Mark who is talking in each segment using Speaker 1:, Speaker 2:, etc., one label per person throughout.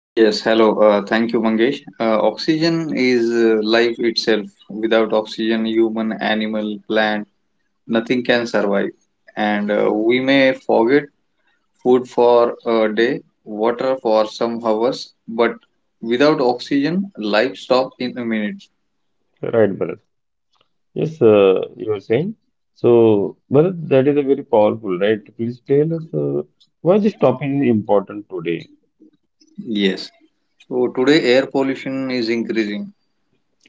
Speaker 1: Yes, hello. Thank you, Mangesh. Oxygen is life itself. Without oxygen, human, animal, plant, nothing can survive. And We may forget food for a day, water for some hours, but without oxygen, life stops in a minute.
Speaker 2: right Bharat? Yes, you were saying. So Bharat, that is a very powerful, right? Please tell us why this topic is important today.
Speaker 1: Yes. So today, air pollution is increasing,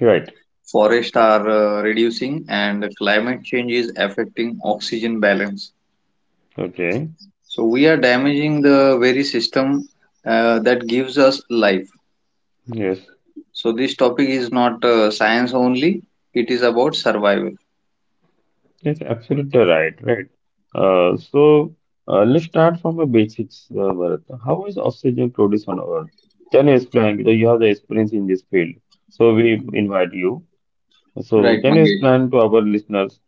Speaker 2: Right.
Speaker 1: forests are reducing, and climate change is affecting oxygen balance.
Speaker 2: Okay.
Speaker 1: So we are damaging the very system that gives us life.
Speaker 2: Yes.
Speaker 1: So this topic is not science only, it is about survival.
Speaker 2: Yes, absolutely right, right. Uh, so let's start from the basics, Bharat. How is oxygen produced on Earth? Can you explain? Because you have the experience in this field, so we
Speaker 1: Mhm.
Speaker 2: invite you. So
Speaker 1: Right,
Speaker 2: can you
Speaker 1: Mangesh.
Speaker 2: explain to our listeners?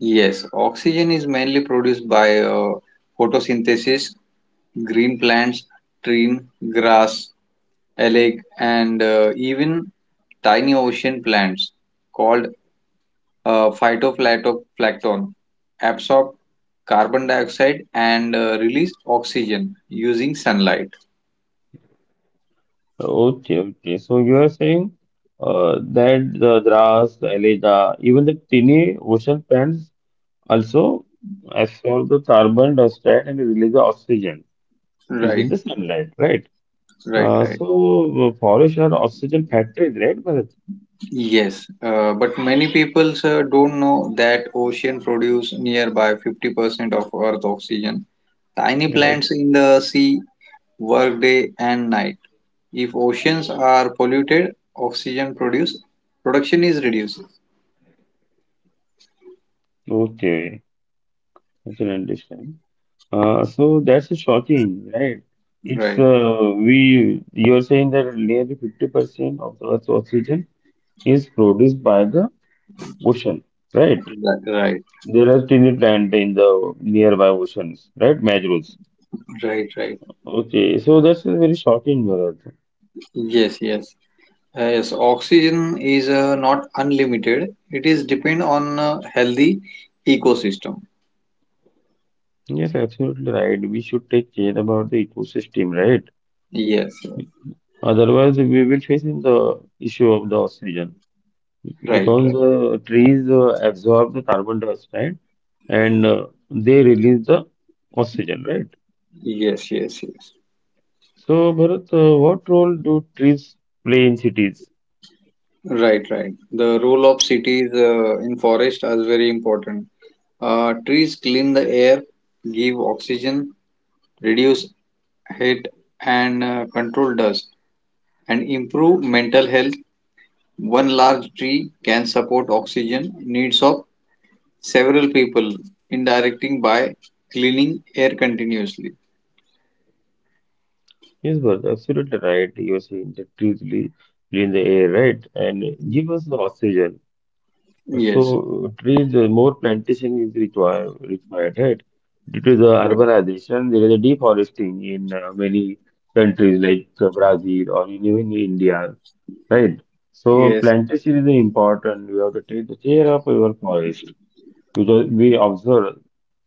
Speaker 1: Yes, oxygen is mainly produced by photosynthesis, green plants, tree, grass, algae, and even tiny ocean plants called phytoplankton, absorb carbon dioxide and release oxygen using sunlight.
Speaker 2: Okay, okay. So you are saying that the grass, the algae, even the tiny ocean plants also absorb the carbon dioxide and release the oxygen is in
Speaker 1: Right,
Speaker 2: the sunlight, right?
Speaker 1: right, right.
Speaker 2: Forests are oxygen factories, right, Bharat?
Speaker 1: Yes, but many people don't know that ocean produce nearby 50% of Earth oxygen. Tiny
Speaker 2: Right.
Speaker 1: plants in the sea work day and night. If oceans are polluted, oxygen produce production is reduced.
Speaker 2: Okay, I can understand. So that's shocking, right? It's
Speaker 1: Right,
Speaker 2: we You're saying that nearly 50% of the Earth's oxygen is produced by the ocean, right?
Speaker 1: right, right,
Speaker 2: There are tiny plant in the nearby oceans, right? Mangroves.
Speaker 1: right, right.
Speaker 2: Okay, so that's a very shocking, Bharat.
Speaker 1: Yes, yes. Yes, oxygen is not unlimited. It is depend on healthy ecosystem.
Speaker 2: Yes, absolutely right. We should take care about the ecosystem, right?
Speaker 1: Yes, yes.
Speaker 2: Otherwise, we will face in the issue of the oxygen
Speaker 1: Right,
Speaker 2: because
Speaker 1: right.
Speaker 2: trees absorb the carbon dioxide and they release the oxygen, right?
Speaker 1: Yes, yes, yes.
Speaker 2: So, Bharat, what role do trees play in cities?
Speaker 1: Right, right. The role of cities in forest is very important. Trees clean the air, give oxygen, reduce heat, and control dust, and improve mental health. One large tree can support oxygen needs of several people indirecting by cleaning air continuously.
Speaker 2: Yes, Bharat, absolutely right. You are saying that clean the air, right? And give us the oxygen.
Speaker 1: Yes,
Speaker 2: So trees, more plantation is required, right? Due to the
Speaker 1: right,
Speaker 2: urbanization, there is a deforesting in many countries like Brazil or in even India, right? So
Speaker 1: yes,
Speaker 2: plantation is important. We have to take the care of our forest because we observe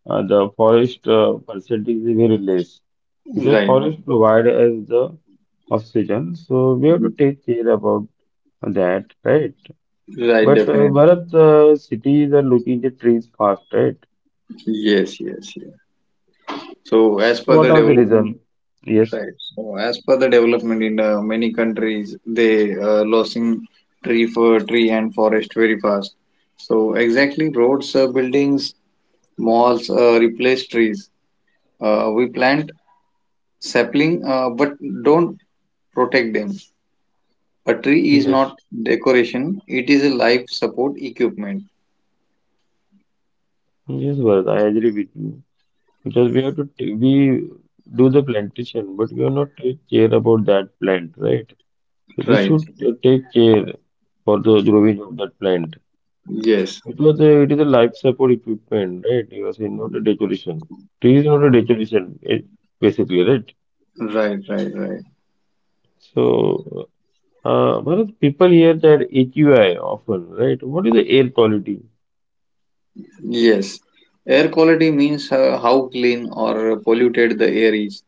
Speaker 2: the forest percentage is very less because
Speaker 1: right,
Speaker 2: forest provide us the oxygen. So we have to
Speaker 1: right.
Speaker 2: take care about that, right?
Speaker 1: Right,
Speaker 2: But
Speaker 1: definitely.
Speaker 2: Bharat, cities are looking at trees fast, right?
Speaker 1: Yes, yes, yes, so as
Speaker 2: So
Speaker 1: per the
Speaker 2: what are the
Speaker 1: development.
Speaker 2: reason? Yes,
Speaker 1: Right, so as per the development in many countries, they losing tree for tree and forest very fast, so exactly roads, buildings, malls replace trees. We plant sapling, but don't protect them. A tree is
Speaker 2: yes,
Speaker 1: not decoration, it is a life support equipment.
Speaker 2: yes, Bharat, I agree with you. Because we have to t we do the plantation, but we are not take care about that plant, right? So we
Speaker 1: Right.
Speaker 2: should take care for the growing of that plant.
Speaker 1: Yes.
Speaker 2: Because it is a life support equipment, right? You are saying not a decoration. Tree is not a decoration, basically, right?
Speaker 1: Right, right, right.
Speaker 2: So uh, Bharat, people hear that AQI often, right? What is the air quality?
Speaker 1: Yes. Air quality means how clean or polluted the air is.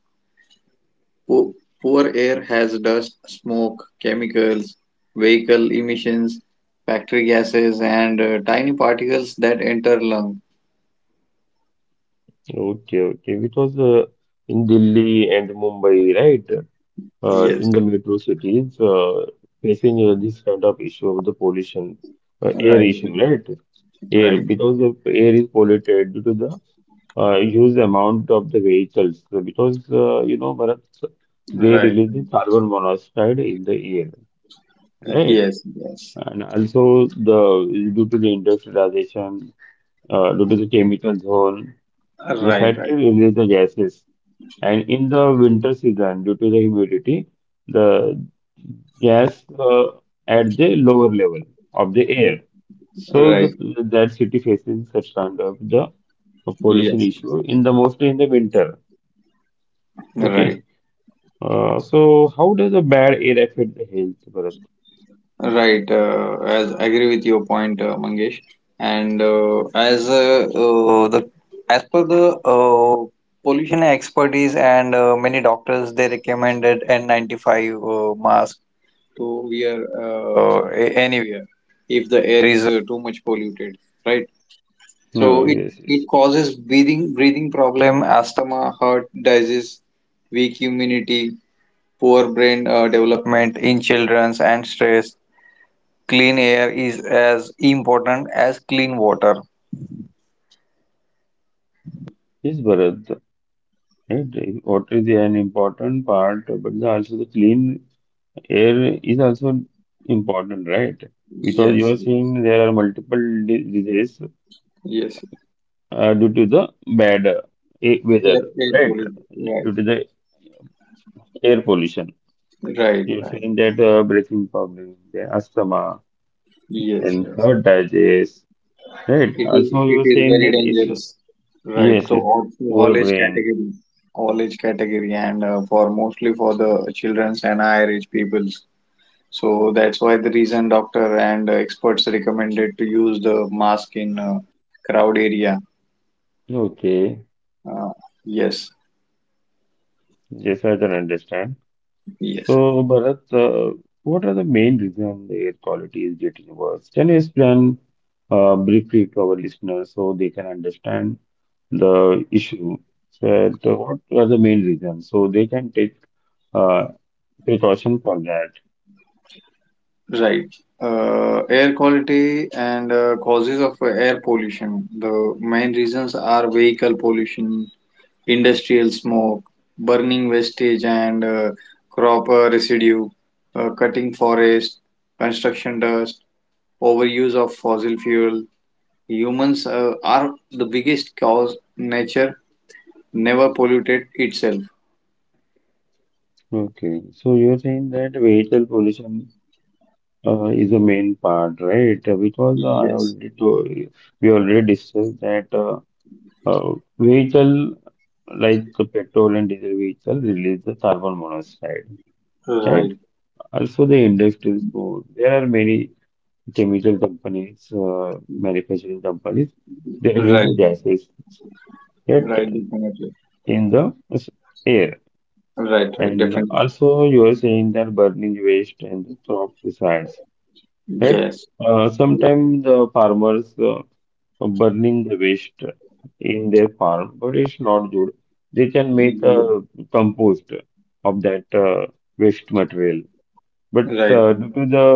Speaker 1: Po- Poor air has dust, smoke, chemicals, vehicle emissions, factory gases, and tiny particles that enter lung.
Speaker 2: Okay, okay, because in Delhi and Mumbai, right, in
Speaker 1: Yes.
Speaker 2: the metro cities, facing this kind of issue of the pollution, air
Speaker 1: Right.
Speaker 2: issue, right? Air,
Speaker 1: Right.
Speaker 2: because the air is polluted due to the huge amount of the vehicles. So because you know, Bharat, they
Speaker 1: Right. Right.
Speaker 2: release the carbon monoxide in the air, right?
Speaker 1: Yes. Yes.
Speaker 2: And also the due to the industrialization, due to the chemical zone, the
Speaker 1: Right. Right.
Speaker 2: factory release the gases. And in the winter season, due to the humidity, the gas at the lower level of the air. So
Speaker 1: Right.
Speaker 2: that city faces such kind of the pollution
Speaker 1: Yes.
Speaker 2: issue in the mostly in the winter.
Speaker 1: Right.
Speaker 2: Okay. So how does the bad air affect the health, Bharat?
Speaker 1: Right, as I agree with your point, Mangesh. And as the as per the pollution expertise and many doctors, they recommended N95 mask to wear, anywhere if the air is too much polluted, right?
Speaker 2: No,
Speaker 1: So it
Speaker 2: yes,
Speaker 1: it
Speaker 2: yes.
Speaker 1: causes breathing problem, asthma, heart disease, weak immunity, poor brain development in children, and stress. Clean air is as important as clean water.
Speaker 2: Yes, Bharat. Right? What is an important part, but also the clean air is also important, right? Because you
Speaker 1: Yes,
Speaker 2: are
Speaker 1: yes,
Speaker 2: saying there are multiple diseases
Speaker 1: yes.
Speaker 2: due to the bad
Speaker 1: Yeah,
Speaker 2: weather,
Speaker 1: air
Speaker 2: right?
Speaker 1: pollution. Right,
Speaker 2: Due to the air pollution.
Speaker 1: right,
Speaker 2: You're
Speaker 1: right.
Speaker 2: saying that breathing problem, the asthma,
Speaker 1: Yes,
Speaker 2: and
Speaker 1: yes.
Speaker 2: heart disease, right? Also,
Speaker 1: It
Speaker 2: you're
Speaker 1: is
Speaker 2: saying
Speaker 1: very
Speaker 2: that it's
Speaker 1: dangerous. Right.
Speaker 2: yes, it's poor
Speaker 1: All age
Speaker 2: brain.
Speaker 1: category, all age category, and for mostly for the childrens and higher age peoples. So that's why the reason doctor and experts recommended to use the mask in crowd area.
Speaker 2: Okay,
Speaker 1: Uh, yes,
Speaker 2: yes, I can understand.
Speaker 1: yes.
Speaker 2: So, Bharat, what are the main reasons the air quality is getting worse? Can you explain briefly to our listeners so they can understand the issue? So, what are the main reasons so they can take uh, precaution for that?
Speaker 1: Right. Air quality and causes of air pollution. The main reasons are vehicle pollution, industrial smoke, burning wastage and crop residue, cutting forest, construction dust, overuse of fossil fuel. Humans are the biggest cause. Nature never polluted itself.
Speaker 2: Okay, so you're saying that vehicle pollution is the main part, right? Because I
Speaker 1: Yes.
Speaker 2: already told, we already discussed that. Uh, vehicle like the petrol and diesel vehicle release the carbon monoxide,
Speaker 1: Right.
Speaker 2: right? Also, the industrial food. There are many chemical companies, manufacturing companies. They release
Speaker 1: Right.
Speaker 2: the gases
Speaker 1: Right.
Speaker 2: that
Speaker 1: Definitely.
Speaker 2: in s- air.
Speaker 1: Right. Right.
Speaker 2: And
Speaker 1: Definitely.
Speaker 2: also, you are saying that burning waste and the crop residues. Right?
Speaker 1: Yes.
Speaker 2: Sometimes the farmers burning the waste in their farm, but it's not good. They can make
Speaker 1: Ye-
Speaker 2: a compost of that waste material. But
Speaker 1: Right.
Speaker 2: due to the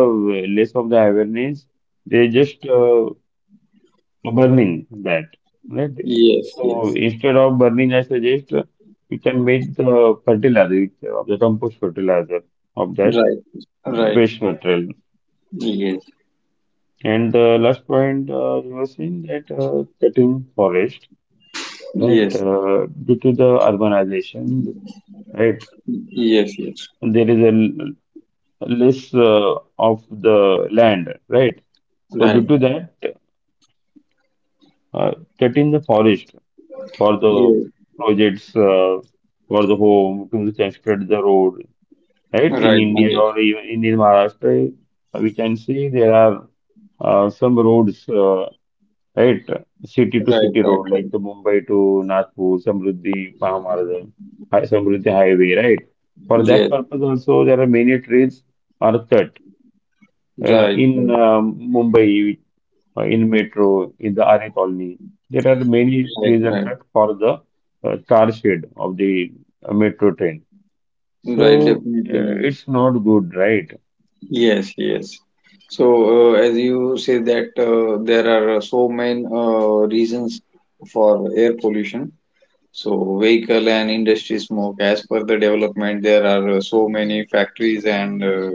Speaker 2: less of the awareness, they just burning that, right?
Speaker 1: Yes,
Speaker 2: So
Speaker 1: yes.
Speaker 2: instead of burning, I suggest you can make the fertilizer, the compost fertilizer of that
Speaker 1: Right. Right.
Speaker 2: waste material.
Speaker 1: Yes.
Speaker 2: And the last point you were saying that cutting forest, right?
Speaker 1: Yes.
Speaker 2: Due to the urbanization, right?
Speaker 1: Yes, yes.
Speaker 2: There is a less of the land, right? So due
Speaker 1: Right.
Speaker 2: to that, uh, cutting the forest for the
Speaker 1: Yes.
Speaker 2: projects, for the home, to construct the road, right? In
Speaker 1: Right,
Speaker 2: India
Speaker 1: Mangesh.
Speaker 2: or even in Maharashtra, we can see there are some roads. Right, city to
Speaker 1: Right,
Speaker 2: city
Speaker 1: right,
Speaker 2: road,
Speaker 1: right.
Speaker 2: like the Mumbai to Nagpur, Samruddhi Mahamarg, Samruddhi Highway, right? For that
Speaker 1: Yes.
Speaker 2: purpose also, there are many trains are cut
Speaker 1: Right,
Speaker 2: in
Speaker 1: right.
Speaker 2: Mumbai, in metro, in the RA colony. There are many
Speaker 1: Right,
Speaker 2: trains are
Speaker 1: right.
Speaker 2: cut for the car shed of the metro train.
Speaker 1: Right,
Speaker 2: So
Speaker 1: definitely, Mangesh.
Speaker 2: it's not good, right?
Speaker 1: Yes, yes. So, as you say that there are so many reasons for air pollution. So, vehicle and industry smoke, as per the development, there are so many factories and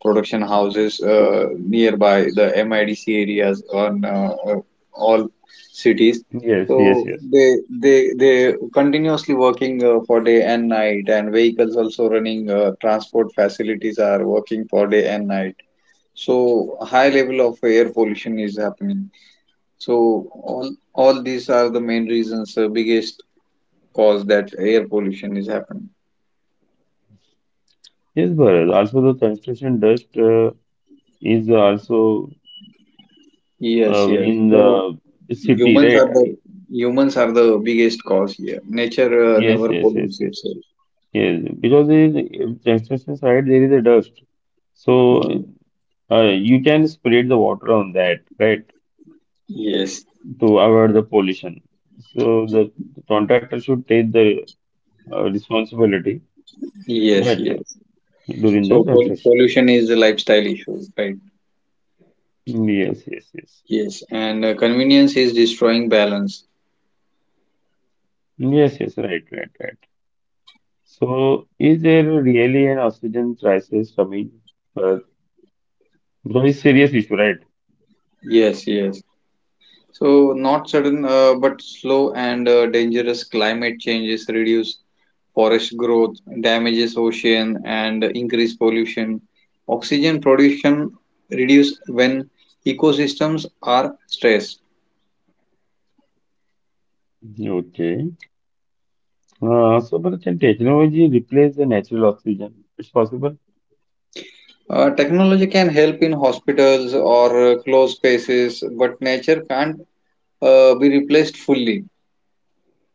Speaker 1: production houses nearby the MIDC areas on all cities.
Speaker 2: Yes, yes,
Speaker 1: So
Speaker 2: yes.
Speaker 1: they continuously working for day and night, and vehicles also running. Transport facilities are working for day and night. So high level of air pollution is happening. So all these are the main reasons, biggest cause that air pollution is happening.
Speaker 2: Yes, Bharat. Also, the construction dust is also
Speaker 1: Yes, yes.
Speaker 2: in
Speaker 1: So
Speaker 2: the city,
Speaker 1: Humans are
Speaker 2: right?
Speaker 1: the humans are the biggest cause here. Nature
Speaker 2: Yes,
Speaker 1: never
Speaker 2: yes, yes,
Speaker 1: pollutes
Speaker 2: yes,
Speaker 1: itself.
Speaker 2: yes. Because in construction site there is a dust, so
Speaker 1: Ye-
Speaker 2: you can spread the water on that, right,
Speaker 1: Yes,
Speaker 2: to avoid the pollution. So the contractor should take the responsibility
Speaker 1: yes,
Speaker 2: that
Speaker 1: yes.
Speaker 2: during the
Speaker 1: So
Speaker 2: construction.
Speaker 1: pollution is a lifestyle issue, right?
Speaker 2: Yes, yes, yes,
Speaker 1: Yes, and convenience is destroying balance.
Speaker 2: yes, yes. Right, right, right. So is there really an oxygen crisis coming? Uh, because it's serious issue, right?
Speaker 1: Yes, yes. So not sudden, but slow and dangerous. Climate changes reduce forest growth, damages ocean, and increase pollution. Oxygen production reduce when ecosystems are stressed.
Speaker 2: Okay. But can technology replace the natural oxygen? It's possible.
Speaker 1: Technology can help in hospitals or closed spaces, but nature can't be replaced fully.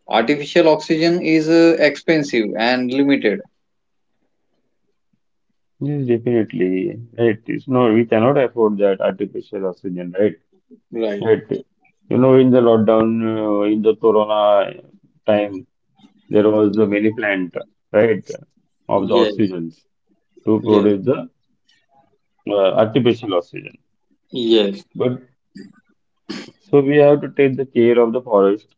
Speaker 1: Artificial oxygen is expensive and limited.
Speaker 2: Yes, definitely. Right. It's no, we cannot afford that artificial oxygen, right?
Speaker 1: Right.
Speaker 2: Right. You know, in the lockdown, in the corona time, there was a many plant, right, of the
Speaker 1: Yes,
Speaker 2: oxygens to
Speaker 1: yes,
Speaker 2: produce the artificial oxygen.
Speaker 1: yes,
Speaker 2: But so we have to take the care of the forest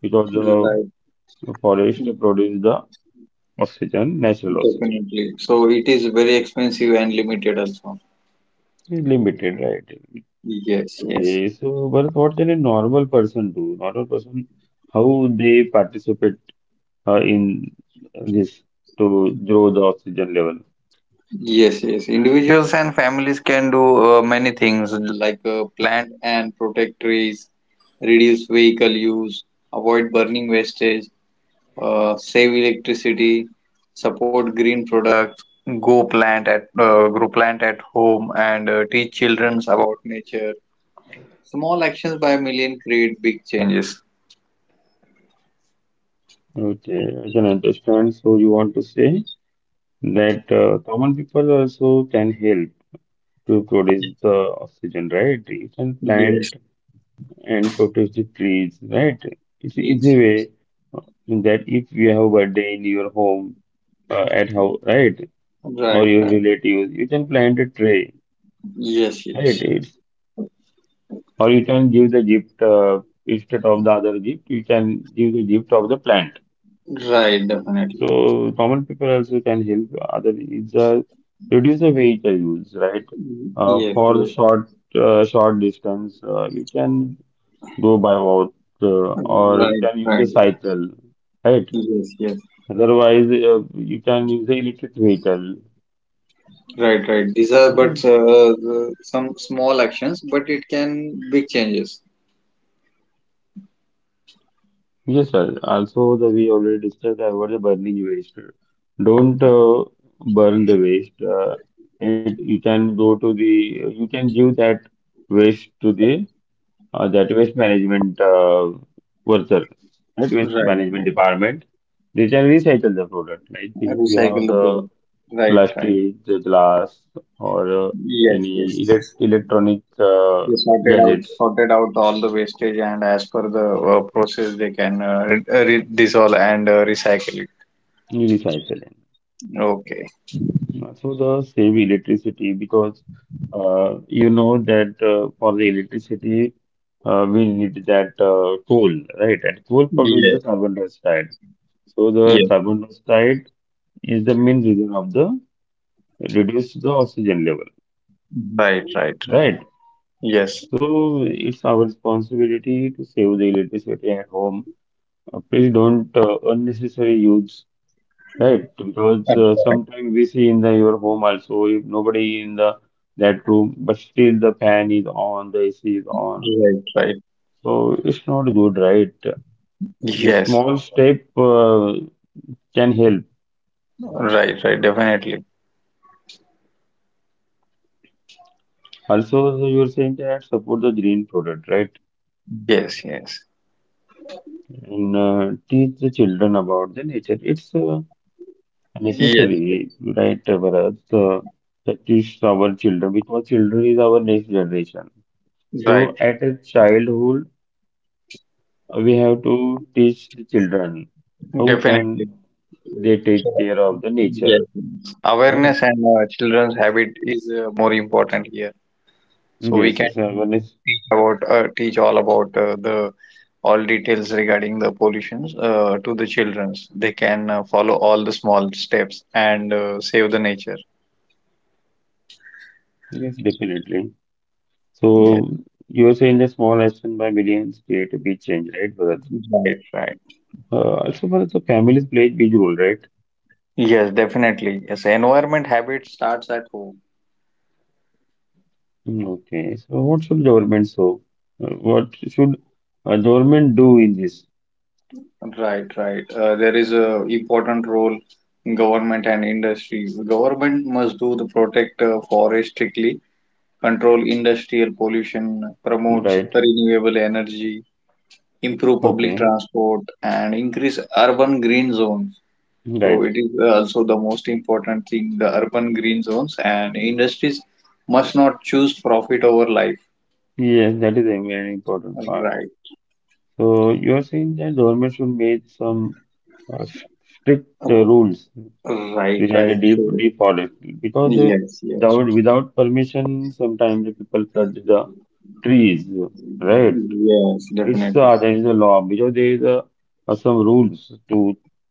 Speaker 2: because
Speaker 1: right,
Speaker 2: the forest produce the oxygen, natural oxygen.
Speaker 1: definitely. So it is very expensive and limited also.
Speaker 2: It's limited, right?
Speaker 1: Yes, yes,
Speaker 2: Okay, so Bharat, what can a normal person do? Normal person, how they participate in this to grow the oxygen level?
Speaker 1: yes, yes. Individuals and families can do many things, like plant and protect trees, reduce vehicle use, avoid burning wastage, save electricity, support green products, go plant at grow plant at home, and teach children about nature. Small actions by a million create big changes.
Speaker 2: Okay, I can understand. So you want to say that common people also can help to produce the oxygen, right? You can
Speaker 1: Yes,
Speaker 2: plant and protect the trees, right? It's an
Speaker 1: yes,
Speaker 2: easy
Speaker 1: yes.
Speaker 2: way uh, that if you have a birthday in your home, at how, right? Or
Speaker 1: Right,
Speaker 2: your
Speaker 1: right.
Speaker 2: relatives, you can plant a tree.
Speaker 1: Yes,
Speaker 2: Right,
Speaker 1: yes.
Speaker 2: it's or you can give the gift instead of the other gift you can give the gift of the plant
Speaker 1: Right, definitely.
Speaker 2: so common people also can help other is reduce the vehicle use right
Speaker 1: Yes,
Speaker 2: for the
Speaker 1: yes.
Speaker 2: short short distance you can go by walk or you
Speaker 1: Right,
Speaker 2: can use the
Speaker 1: right.
Speaker 2: cycle right
Speaker 1: Yes, yes.
Speaker 2: otherwise you can use the electric vehicle.
Speaker 1: Right, right. These are but some small actions, but it can big changes.
Speaker 2: Yes, sir. Also, the we already discussed about the burning waste. Don't burn the waste. It You can go to the you can give that waste to the that waste management worker, that waste
Speaker 1: Right,
Speaker 2: management
Speaker 1: right.
Speaker 2: department. They can recycle the product. Like if you
Speaker 1: Recycle
Speaker 2: have
Speaker 1: the
Speaker 2: the
Speaker 1: product. Right, right.
Speaker 2: plastic, the glass, or
Speaker 1: Yes, yes,
Speaker 2: any
Speaker 1: yes.
Speaker 2: electronic
Speaker 1: They sorted out
Speaker 2: gadgets,
Speaker 1: sorted out all the wastage, and as per the process, they can dissolve and recycle it.
Speaker 2: you recycle it.
Speaker 1: Okay.
Speaker 2: Also, the save electricity because you know that for the electricity we need that coal, right? And coal
Speaker 1: Yeah.
Speaker 2: produces carbon dioxide. So the
Speaker 1: Yeah.
Speaker 2: carbon dioxide is the main reason of the reduced the oxygen level,
Speaker 1: Right. Right.
Speaker 2: yeah,
Speaker 1: Right.
Speaker 2: right?
Speaker 1: Yes.
Speaker 2: So it's our responsibility to save the electricity at home. Please don't unnecessarily use. Right, because
Speaker 1: Uh,
Speaker 2: sometimes we see in the your home also if nobody in the that room, but still the fan is on, the AC is on.
Speaker 1: Right. Right.
Speaker 2: So it's not good, right? The
Speaker 1: Yes.
Speaker 2: small step can help.
Speaker 1: Right. Right. Definitely.
Speaker 2: Also, you are saying that support the green product, right?
Speaker 1: Yes. Yes.
Speaker 2: And teach the children about the nature. It's
Speaker 1: Yes.
Speaker 2: necessary, right, Bharat? That teach our children because children is our next generation.
Speaker 1: Right.
Speaker 2: So at a childhood we have to teach the children how can
Speaker 1: Definitely.
Speaker 2: they take
Speaker 1: So,
Speaker 2: care of the nature,
Speaker 1: yes.
Speaker 2: right?
Speaker 1: Awareness and children's habit is more important here. So we
Speaker 2: Yes,
Speaker 1: can
Speaker 2: yes, one is
Speaker 1: teach all about the all details regarding the pollutions to the children. They can follow all the small steps and save the nature.
Speaker 2: yes, definitely.
Speaker 1: Yes,
Speaker 2: So you're saying the small action by millions create a big change, right, Bharat?
Speaker 1: right, right.
Speaker 2: Also, Bharat, the families play a big role, right?
Speaker 1: Yes, definitely. Yes, environment habit starts at home.
Speaker 2: Mm, okay, so what should government so? What should a government do in this,
Speaker 1: Right, right. There is a important role in government and industry. The government must do the protect forest strictly, control industrial pollution, promotes
Speaker 2: right?
Speaker 1: renewable energy, improve public
Speaker 2: Okay,
Speaker 1: transport and increase urban green zones. So it
Speaker 2: right.
Speaker 1: is also the most important thing, the urban green zones, and industries must not choose profit over life.
Speaker 2: Yes, that is a very important part.
Speaker 1: Right.
Speaker 2: So you are saying that government should make some uh, s- strict
Speaker 1: Oh,
Speaker 2: rules
Speaker 1: right,
Speaker 2: behind the
Speaker 1: right. So
Speaker 2: deep forest because
Speaker 1: yes, yes.
Speaker 2: without permission sometimes the people cut the trees, right?
Speaker 1: Yes,
Speaker 2: It's
Speaker 1: definitely.
Speaker 2: there is a law because there is a some rules to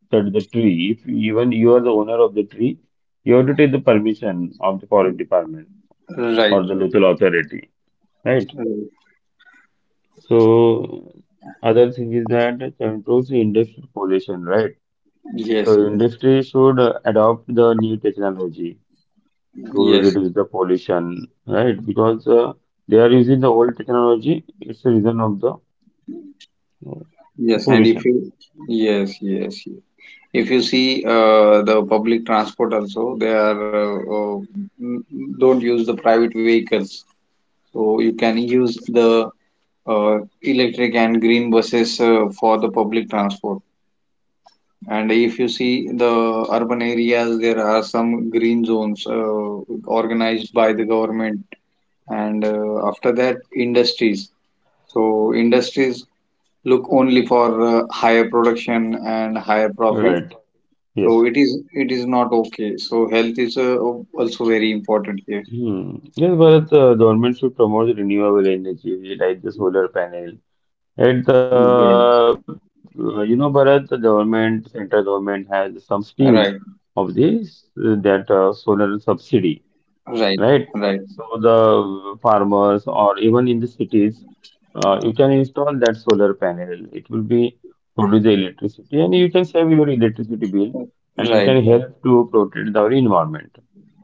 Speaker 2: cut the tree. If even you are the owner of the tree, you have to take the permission of the forest department
Speaker 1: Right,
Speaker 2: or the
Speaker 1: right.
Speaker 2: local authority, right?
Speaker 1: Right.
Speaker 2: So other thing is that controls the industrial pollution, right?
Speaker 1: Yes,
Speaker 2: So
Speaker 1: yes,
Speaker 2: industry should adopt the new technology to
Speaker 1: yes.
Speaker 2: reduce the pollution, right? Because they are using the old technology, it's the reason of the uh,
Speaker 1: Yes, and if
Speaker 2: pollution,
Speaker 1: you Yes, yes, yes. If you see the public transport also, they are don't use the private vehicles, so you can use the electric and green buses for the public transport. And if you see the urban areas, there are some green zones organized by the government, and after that, industries. So industries look only for higher production and higher profit,
Speaker 2: right?
Speaker 1: so
Speaker 2: Yes.
Speaker 1: it is not okay. So health is also very important here.
Speaker 2: Hmm. Yes, Bharat, government should promote renewable energy like the solar panel. At the,
Speaker 1: Yes.
Speaker 2: you know, Bharat, the government, central government has some scheme of
Speaker 1: Right.
Speaker 2: this that solar subsidy, right?
Speaker 1: Right.
Speaker 2: So
Speaker 1: Right.
Speaker 2: the farmers or even in the cities, you can install that solar panel. It will be produce the electricity and you can save your electricity bill and you
Speaker 1: Right.
Speaker 2: can
Speaker 1: Right.
Speaker 2: help to protect the environment.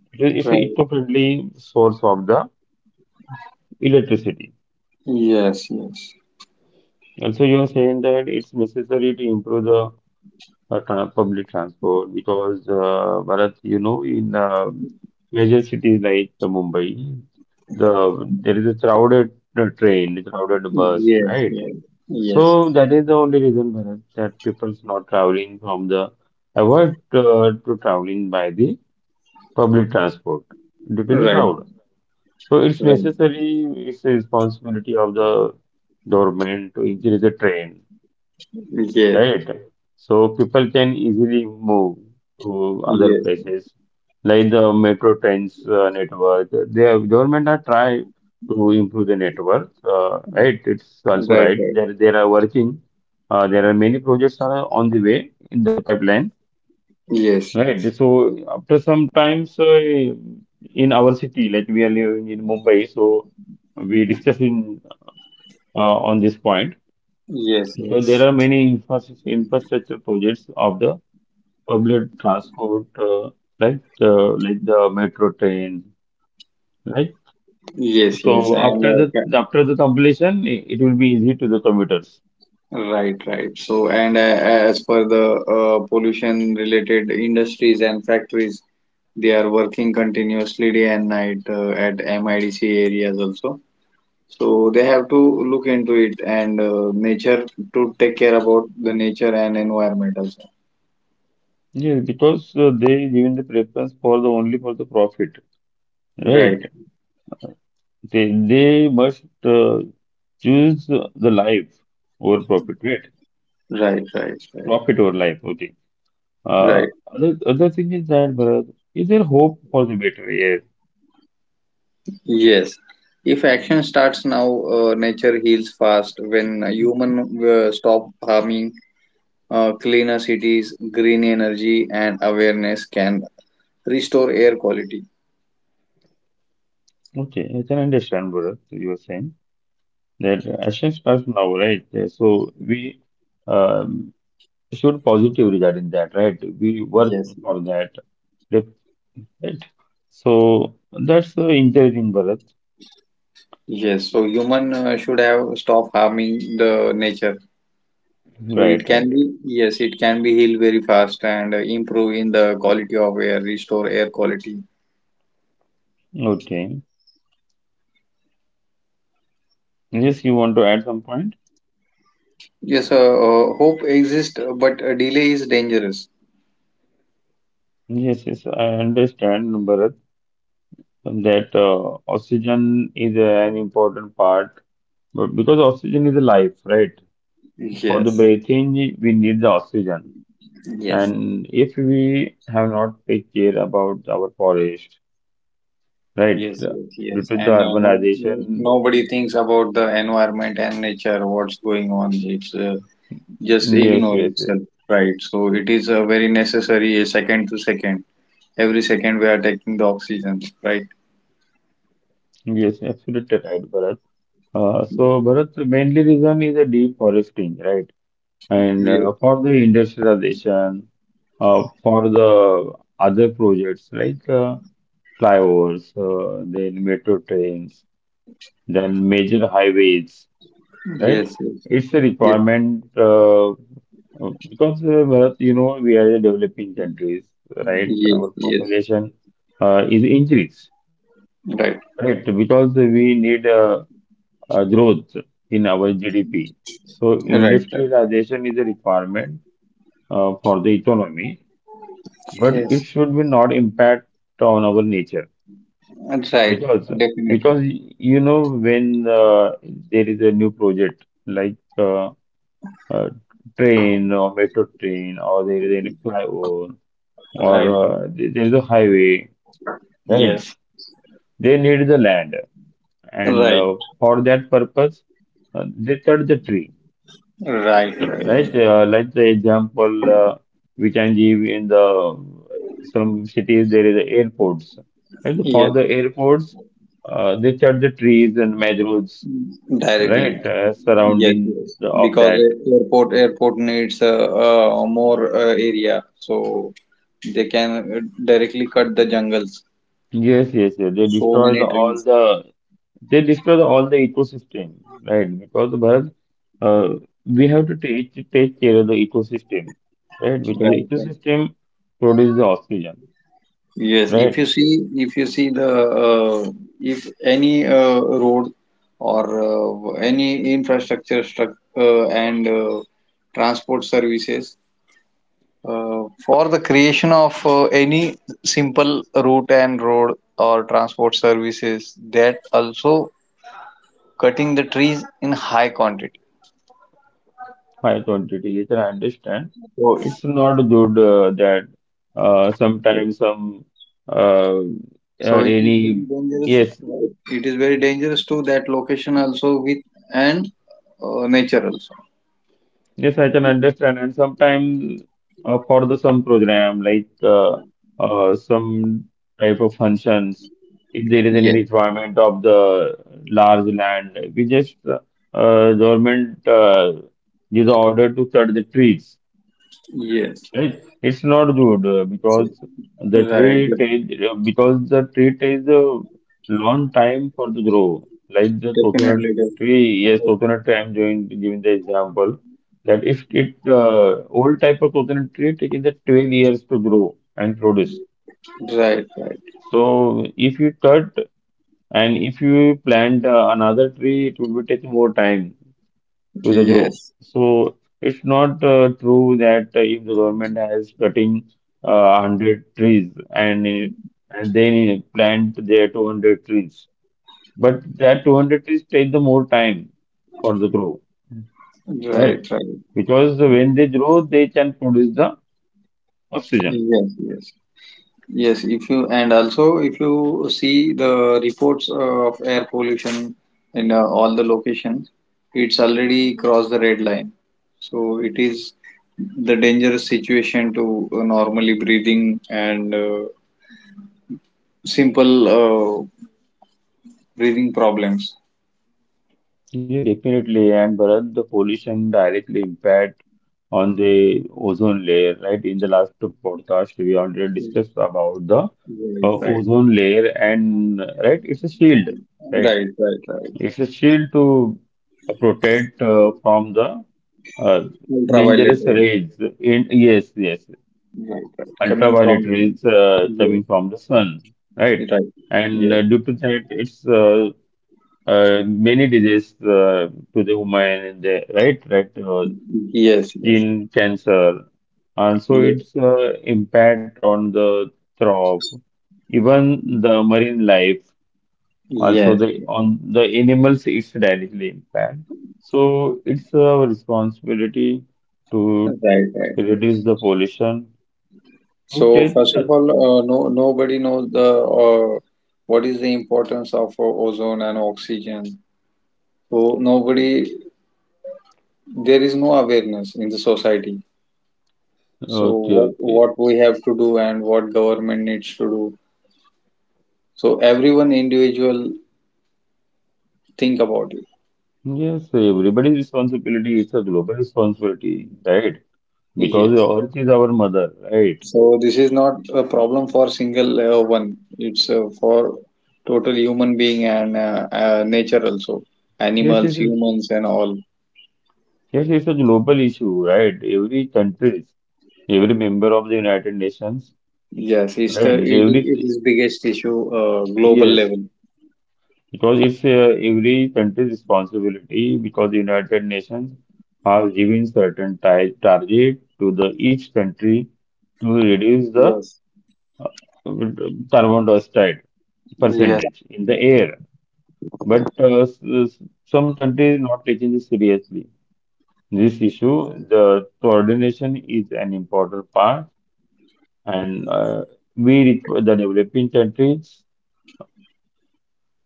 Speaker 2: It's a
Speaker 1: Right.
Speaker 2: eco-friendly source of the electricity.
Speaker 1: Yes. Yes.
Speaker 2: Also, you are saying that it's necessary to improve the public transport because Bharat, you know, in major cities like Mumbai, there is a crowded train, crowded bus,
Speaker 1: Yes.
Speaker 2: right?
Speaker 1: Yes. Yes.
Speaker 2: So that is the only reason Bharat, that people's not traveling from the avoid to traveling by the public transport due to the
Speaker 1: Right.
Speaker 2: crowd. So it's
Speaker 1: Right.
Speaker 2: necessary, it's the responsibility of the government to increase the train,
Speaker 1: Yes.
Speaker 2: right? So people can easily move to other
Speaker 1: Yes.
Speaker 2: places, like the metro trains network. The government are try to improve the network, right? It's also
Speaker 1: Right.
Speaker 2: right.
Speaker 1: Right.
Speaker 2: There they are working. There are many projects are on the way in the pipeline,
Speaker 1: Yes.
Speaker 2: right?
Speaker 1: Yes.
Speaker 2: So after some times in our city, like we are living in Mumbai, so we discussing on this point.
Speaker 1: Yes.
Speaker 2: So there
Speaker 1: Yes.
Speaker 2: are many infrastructure projects of the public transport, right? Like the metro train, right?
Speaker 1: Yes, yes,
Speaker 2: So
Speaker 1: and
Speaker 2: after
Speaker 1: uh,
Speaker 2: the
Speaker 1: ca-
Speaker 2: after the completion, it will be easy to the commuters.
Speaker 1: right, right. So, and as per the pollution related industries and factories, they are working continuously day and night at MIDC areas also. So they have to look into it, and nature to take care about the nature and environment also.
Speaker 2: Yes, because they given the preference for the only for the profit,
Speaker 1: Right,
Speaker 2: right? They they must uh, choose the life over profit, right?
Speaker 1: right, right, right,
Speaker 2: Profit over life, okay. Uh,
Speaker 1: right.
Speaker 2: other thing is that, Bharat, is there hope for the better? Yeah.
Speaker 1: Yes. If action starts now, nature heals fast. When human stop harming, cleaner cities, green energy, and awareness can restore air quality.
Speaker 2: Okay, I can understand, Bharat, you are saying. That actions starts now, right? So we um, should positive regarding that, right? We work
Speaker 1: Yes,
Speaker 2: for that, right? So that's encouraging, Bharat.
Speaker 1: yes, so human should have stop harming the nature. So it
Speaker 2: Right,
Speaker 1: can
Speaker 2: right,
Speaker 1: be, yes, it can be healed very fast, and improve in the quality of air, restore air quality.
Speaker 2: right. Okay. Yes, you want to add some point?
Speaker 1: Yes, hope exists, but delay is dangerous.
Speaker 2: Yes, yes, I understand, Bharat, that oxygen is an important part, but because oxygen is life, right? For the
Speaker 1: Yes,
Speaker 2: breathing, we need the oxygen.
Speaker 1: yes,
Speaker 2: And if we have not take care about our forest, right,
Speaker 1: yes, yes,
Speaker 2: due
Speaker 1: yes.
Speaker 2: to the
Speaker 1: And
Speaker 2: urbanization,
Speaker 1: nobody thinks about the environment and nature, what's going on. It's just
Speaker 2: yes,
Speaker 1: ignore
Speaker 2: yes, yes,
Speaker 1: itself, right? So it is very necessary second to second. Every second we are taking the oxygen, right?
Speaker 2: yes, absolutely right, Bharat. So, Bharat, the mainly reason is the deforesting, right? And
Speaker 1: Yes,
Speaker 2: for the industrialization, for the other projects like flyovers, then metro trains, then major highways, right?
Speaker 1: yes,
Speaker 2: It's a
Speaker 1: yes,
Speaker 2: requirement because Bharat, you know we are a developing countries, right?
Speaker 1: yes,
Speaker 2: Our
Speaker 1: yes,
Speaker 2: population is increased,
Speaker 1: yes. Right,
Speaker 2: right? Because we need growth in our GDP. So
Speaker 1: right, right.
Speaker 2: industrialization is a requirement for the economy, but it
Speaker 1: Yes,
Speaker 2: should be not impact on our nature
Speaker 1: right.
Speaker 2: because
Speaker 1: Definitely.
Speaker 2: because you know when there is a new project like. Uh, Train or metro train or there is any flyover
Speaker 1: Right.
Speaker 2: or
Speaker 1: Right.
Speaker 2: there there is a highway, right?
Speaker 1: Yes.
Speaker 2: They need the land, and
Speaker 1: Right.
Speaker 2: for that purpose, they cut the tree,
Speaker 1: Right.
Speaker 2: right?
Speaker 1: Right.
Speaker 2: Like the example which I give in the some cities, there is airports, and for
Speaker 1: Yes.
Speaker 2: the airports, they cut the trees and mangroves,
Speaker 1: Directly.
Speaker 2: right,
Speaker 1: Yes.
Speaker 2: surrounding
Speaker 1: Yes.
Speaker 2: the, of
Speaker 1: Because
Speaker 2: that.
Speaker 1: airport needs more area, so they can directly cut the jungles.
Speaker 2: Yes, yes, yes. They
Speaker 1: So
Speaker 2: destroy
Speaker 1: many
Speaker 2: the, all
Speaker 1: trees.
Speaker 2: the They destroy the, all the ecosystem, right? Because Bharat, uh, we have to take care of the ecosystem, right? Because the
Speaker 1: Right, right.
Speaker 2: ecosystem produces the oxygen,
Speaker 1: Yes,
Speaker 2: right?
Speaker 1: if you see the, if any road or any infrastructure struct and transport services for the creation of any simple route and road or transport services, that also cutting the trees in high quantity.
Speaker 2: High quantity, which I understand.
Speaker 1: So,
Speaker 2: It's not good that sometimes some uh,
Speaker 1: so
Speaker 2: uh,
Speaker 1: it is very
Speaker 2: any
Speaker 1: dangerous.
Speaker 2: yes.
Speaker 1: It is very dangerous to that location also, with and nature also.
Speaker 2: Yes, I can understand. And sometimes for the some program like some type of functions, if there is any
Speaker 1: Yes.
Speaker 2: requirement of the large land, we just government gives the order to cut the trees.
Speaker 1: Yes,
Speaker 2: It's not good because the
Speaker 1: right.
Speaker 2: tree takes because the tree takes a long time for the grow. Like the coconut
Speaker 1: Definitely,
Speaker 2: tree, yes,
Speaker 1: def-
Speaker 2: coconut tree. I'm going to give the example that if it old type of coconut tree taking the 12 years to grow and produce.
Speaker 1: right, right.
Speaker 2: So if you cut and if you plant another tree, it will be take more time to the grow.
Speaker 1: Yes,
Speaker 2: So it's not true that if the government has cutting 100 trees and and then plant their 200 trees, but that 200 trees take the more time for the grow, right?
Speaker 1: right, right.
Speaker 2: Because when they grow, they can produce the oxygen.
Speaker 1: Yes, yes, yes. If you and also if you see the reports of air pollution in all the locations, it's already crossed the red line. So it is the dangerous situation to normally breathing, and simple breathing problems.
Speaker 2: Yeah, definitely. And Bharat, the pollution directly impact on the ozone layer, right? In the last podcast, we already discussed about the
Speaker 1: Right, right,
Speaker 2: ozone layer and, right, it's a shield, right?
Speaker 1: right, right, right.
Speaker 2: It's a shield to protect from the uh,
Speaker 1: Ultraviolet.
Speaker 2: dangerous rays. In yes, yes,
Speaker 1: Right, right. Coming
Speaker 2: ultraviolet
Speaker 1: from
Speaker 2: rays
Speaker 1: yes,
Speaker 2: coming from the sun, right?
Speaker 1: right,
Speaker 2: And
Speaker 1: yes,
Speaker 2: due to that, it's many diseases to the human, and the, right? Right,
Speaker 1: yes, yes,
Speaker 2: skin cancer. Also,
Speaker 1: yes,
Speaker 2: its impact on the crop, even the marine life. Also,
Speaker 1: yes,
Speaker 2: the on the animals, it's directly impact. So, it's our responsibility to
Speaker 1: right, right.
Speaker 2: reduce the pollution. To
Speaker 1: So
Speaker 2: take
Speaker 1: first of
Speaker 2: the
Speaker 1: all, no, nobody knows the what is the importance of ozone and oxygen. So nobody, there is no awareness in the society. So
Speaker 2: okay,
Speaker 1: what
Speaker 2: okay.
Speaker 1: what we have to do and what government needs to do. So everyone individual think about it.
Speaker 2: Yes, everybody's responsibility. It's a global responsibility, right? Because the
Speaker 1: Yes.
Speaker 2: earth is our mother, right?
Speaker 1: So this is not a problem for single one. It's for total human being and nature also,
Speaker 2: Yes,
Speaker 1: animals,
Speaker 2: it's a,
Speaker 1: humans, and all.
Speaker 2: yes, it's a global issue, right? Every country, every member of the United Nations,
Speaker 1: Yes, it's the,
Speaker 2: right?
Speaker 1: it, it
Speaker 2: Every,
Speaker 1: is biggest issue global
Speaker 2: yes,
Speaker 1: level.
Speaker 2: because it's every country's responsibility because the United Nations has given certain target to the each country to reduce the
Speaker 1: Yes,
Speaker 2: uh, carbon dioxide
Speaker 1: yes.
Speaker 2: percentage in the air. But some countries not taking this seriously. This issue, the coordination is an important part, and the developing countries,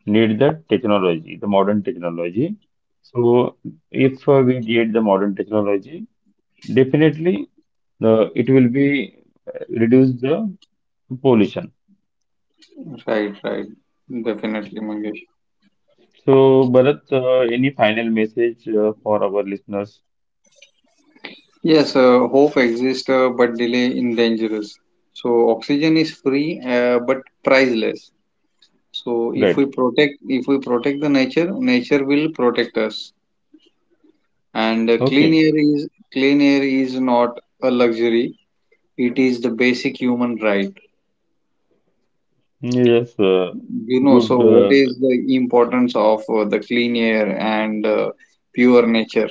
Speaker 2: need the technology, the modern technology. So, if we get the modern technology, definitely it will be reduce the pollution.
Speaker 1: Right, right, definitely, Mangesh.
Speaker 2: So, Bharat, any final message for our listeners?
Speaker 1: Yes, hope exists, but delay in dangerous. So oxygen is free, but priceless. So
Speaker 2: Great.
Speaker 1: if we protect the nature, nature will protect us. And
Speaker 2: Okay.
Speaker 1: clean air is not a luxury; it is the basic human right.
Speaker 2: Yes.
Speaker 1: You know, so
Speaker 2: Good
Speaker 1: what is the importance of the clean air and pure nature?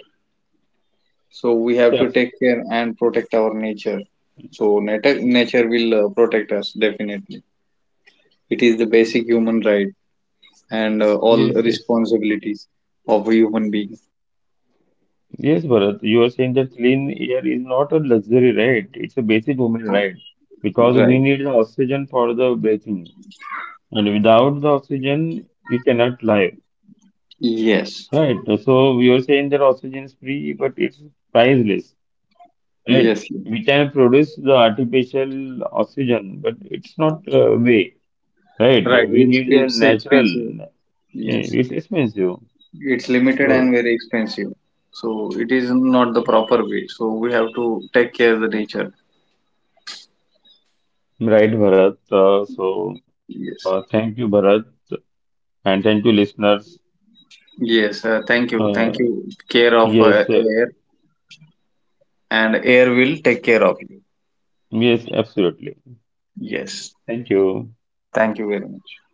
Speaker 1: So we have to
Speaker 2: steps.
Speaker 1: take care and protect our nature. So nature will protect us, definitely. It is the basic human right, and all
Speaker 2: Yes. Yes.
Speaker 1: responsibilities of a human being.
Speaker 2: Yes, Bharat, you are saying that clean air is not a luxury right, it's a basic human right because we
Speaker 1: Right.
Speaker 2: need the oxygen for the breathing, and without the oxygen, you cannot live,
Speaker 1: Yes.
Speaker 2: right? So, you are saying that oxygen is free, but it's priceless, right?
Speaker 1: Yes. Yes.
Speaker 2: We can produce the artificial oxygen, but it's not way, right?
Speaker 1: Right.
Speaker 2: We need the
Speaker 1: It's
Speaker 2: natural,
Speaker 1: expensive.
Speaker 2: eh,
Speaker 1: Yes.
Speaker 2: it's expensive,
Speaker 1: It's limited
Speaker 2: so
Speaker 1: and very expensive, so it is not the proper way, so we have to take care of the nature.
Speaker 2: right, Bharat.
Speaker 1: Yes,
Speaker 2: Thank you, Bharat. And thank you, listeners.
Speaker 1: yes, thank you, thank
Speaker 2: Uh,
Speaker 1: you. Care of
Speaker 2: yes,
Speaker 1: air, and air will take care of you.
Speaker 2: yes, absolutely.
Speaker 1: Yes,
Speaker 2: Thank you.
Speaker 1: thank you very much.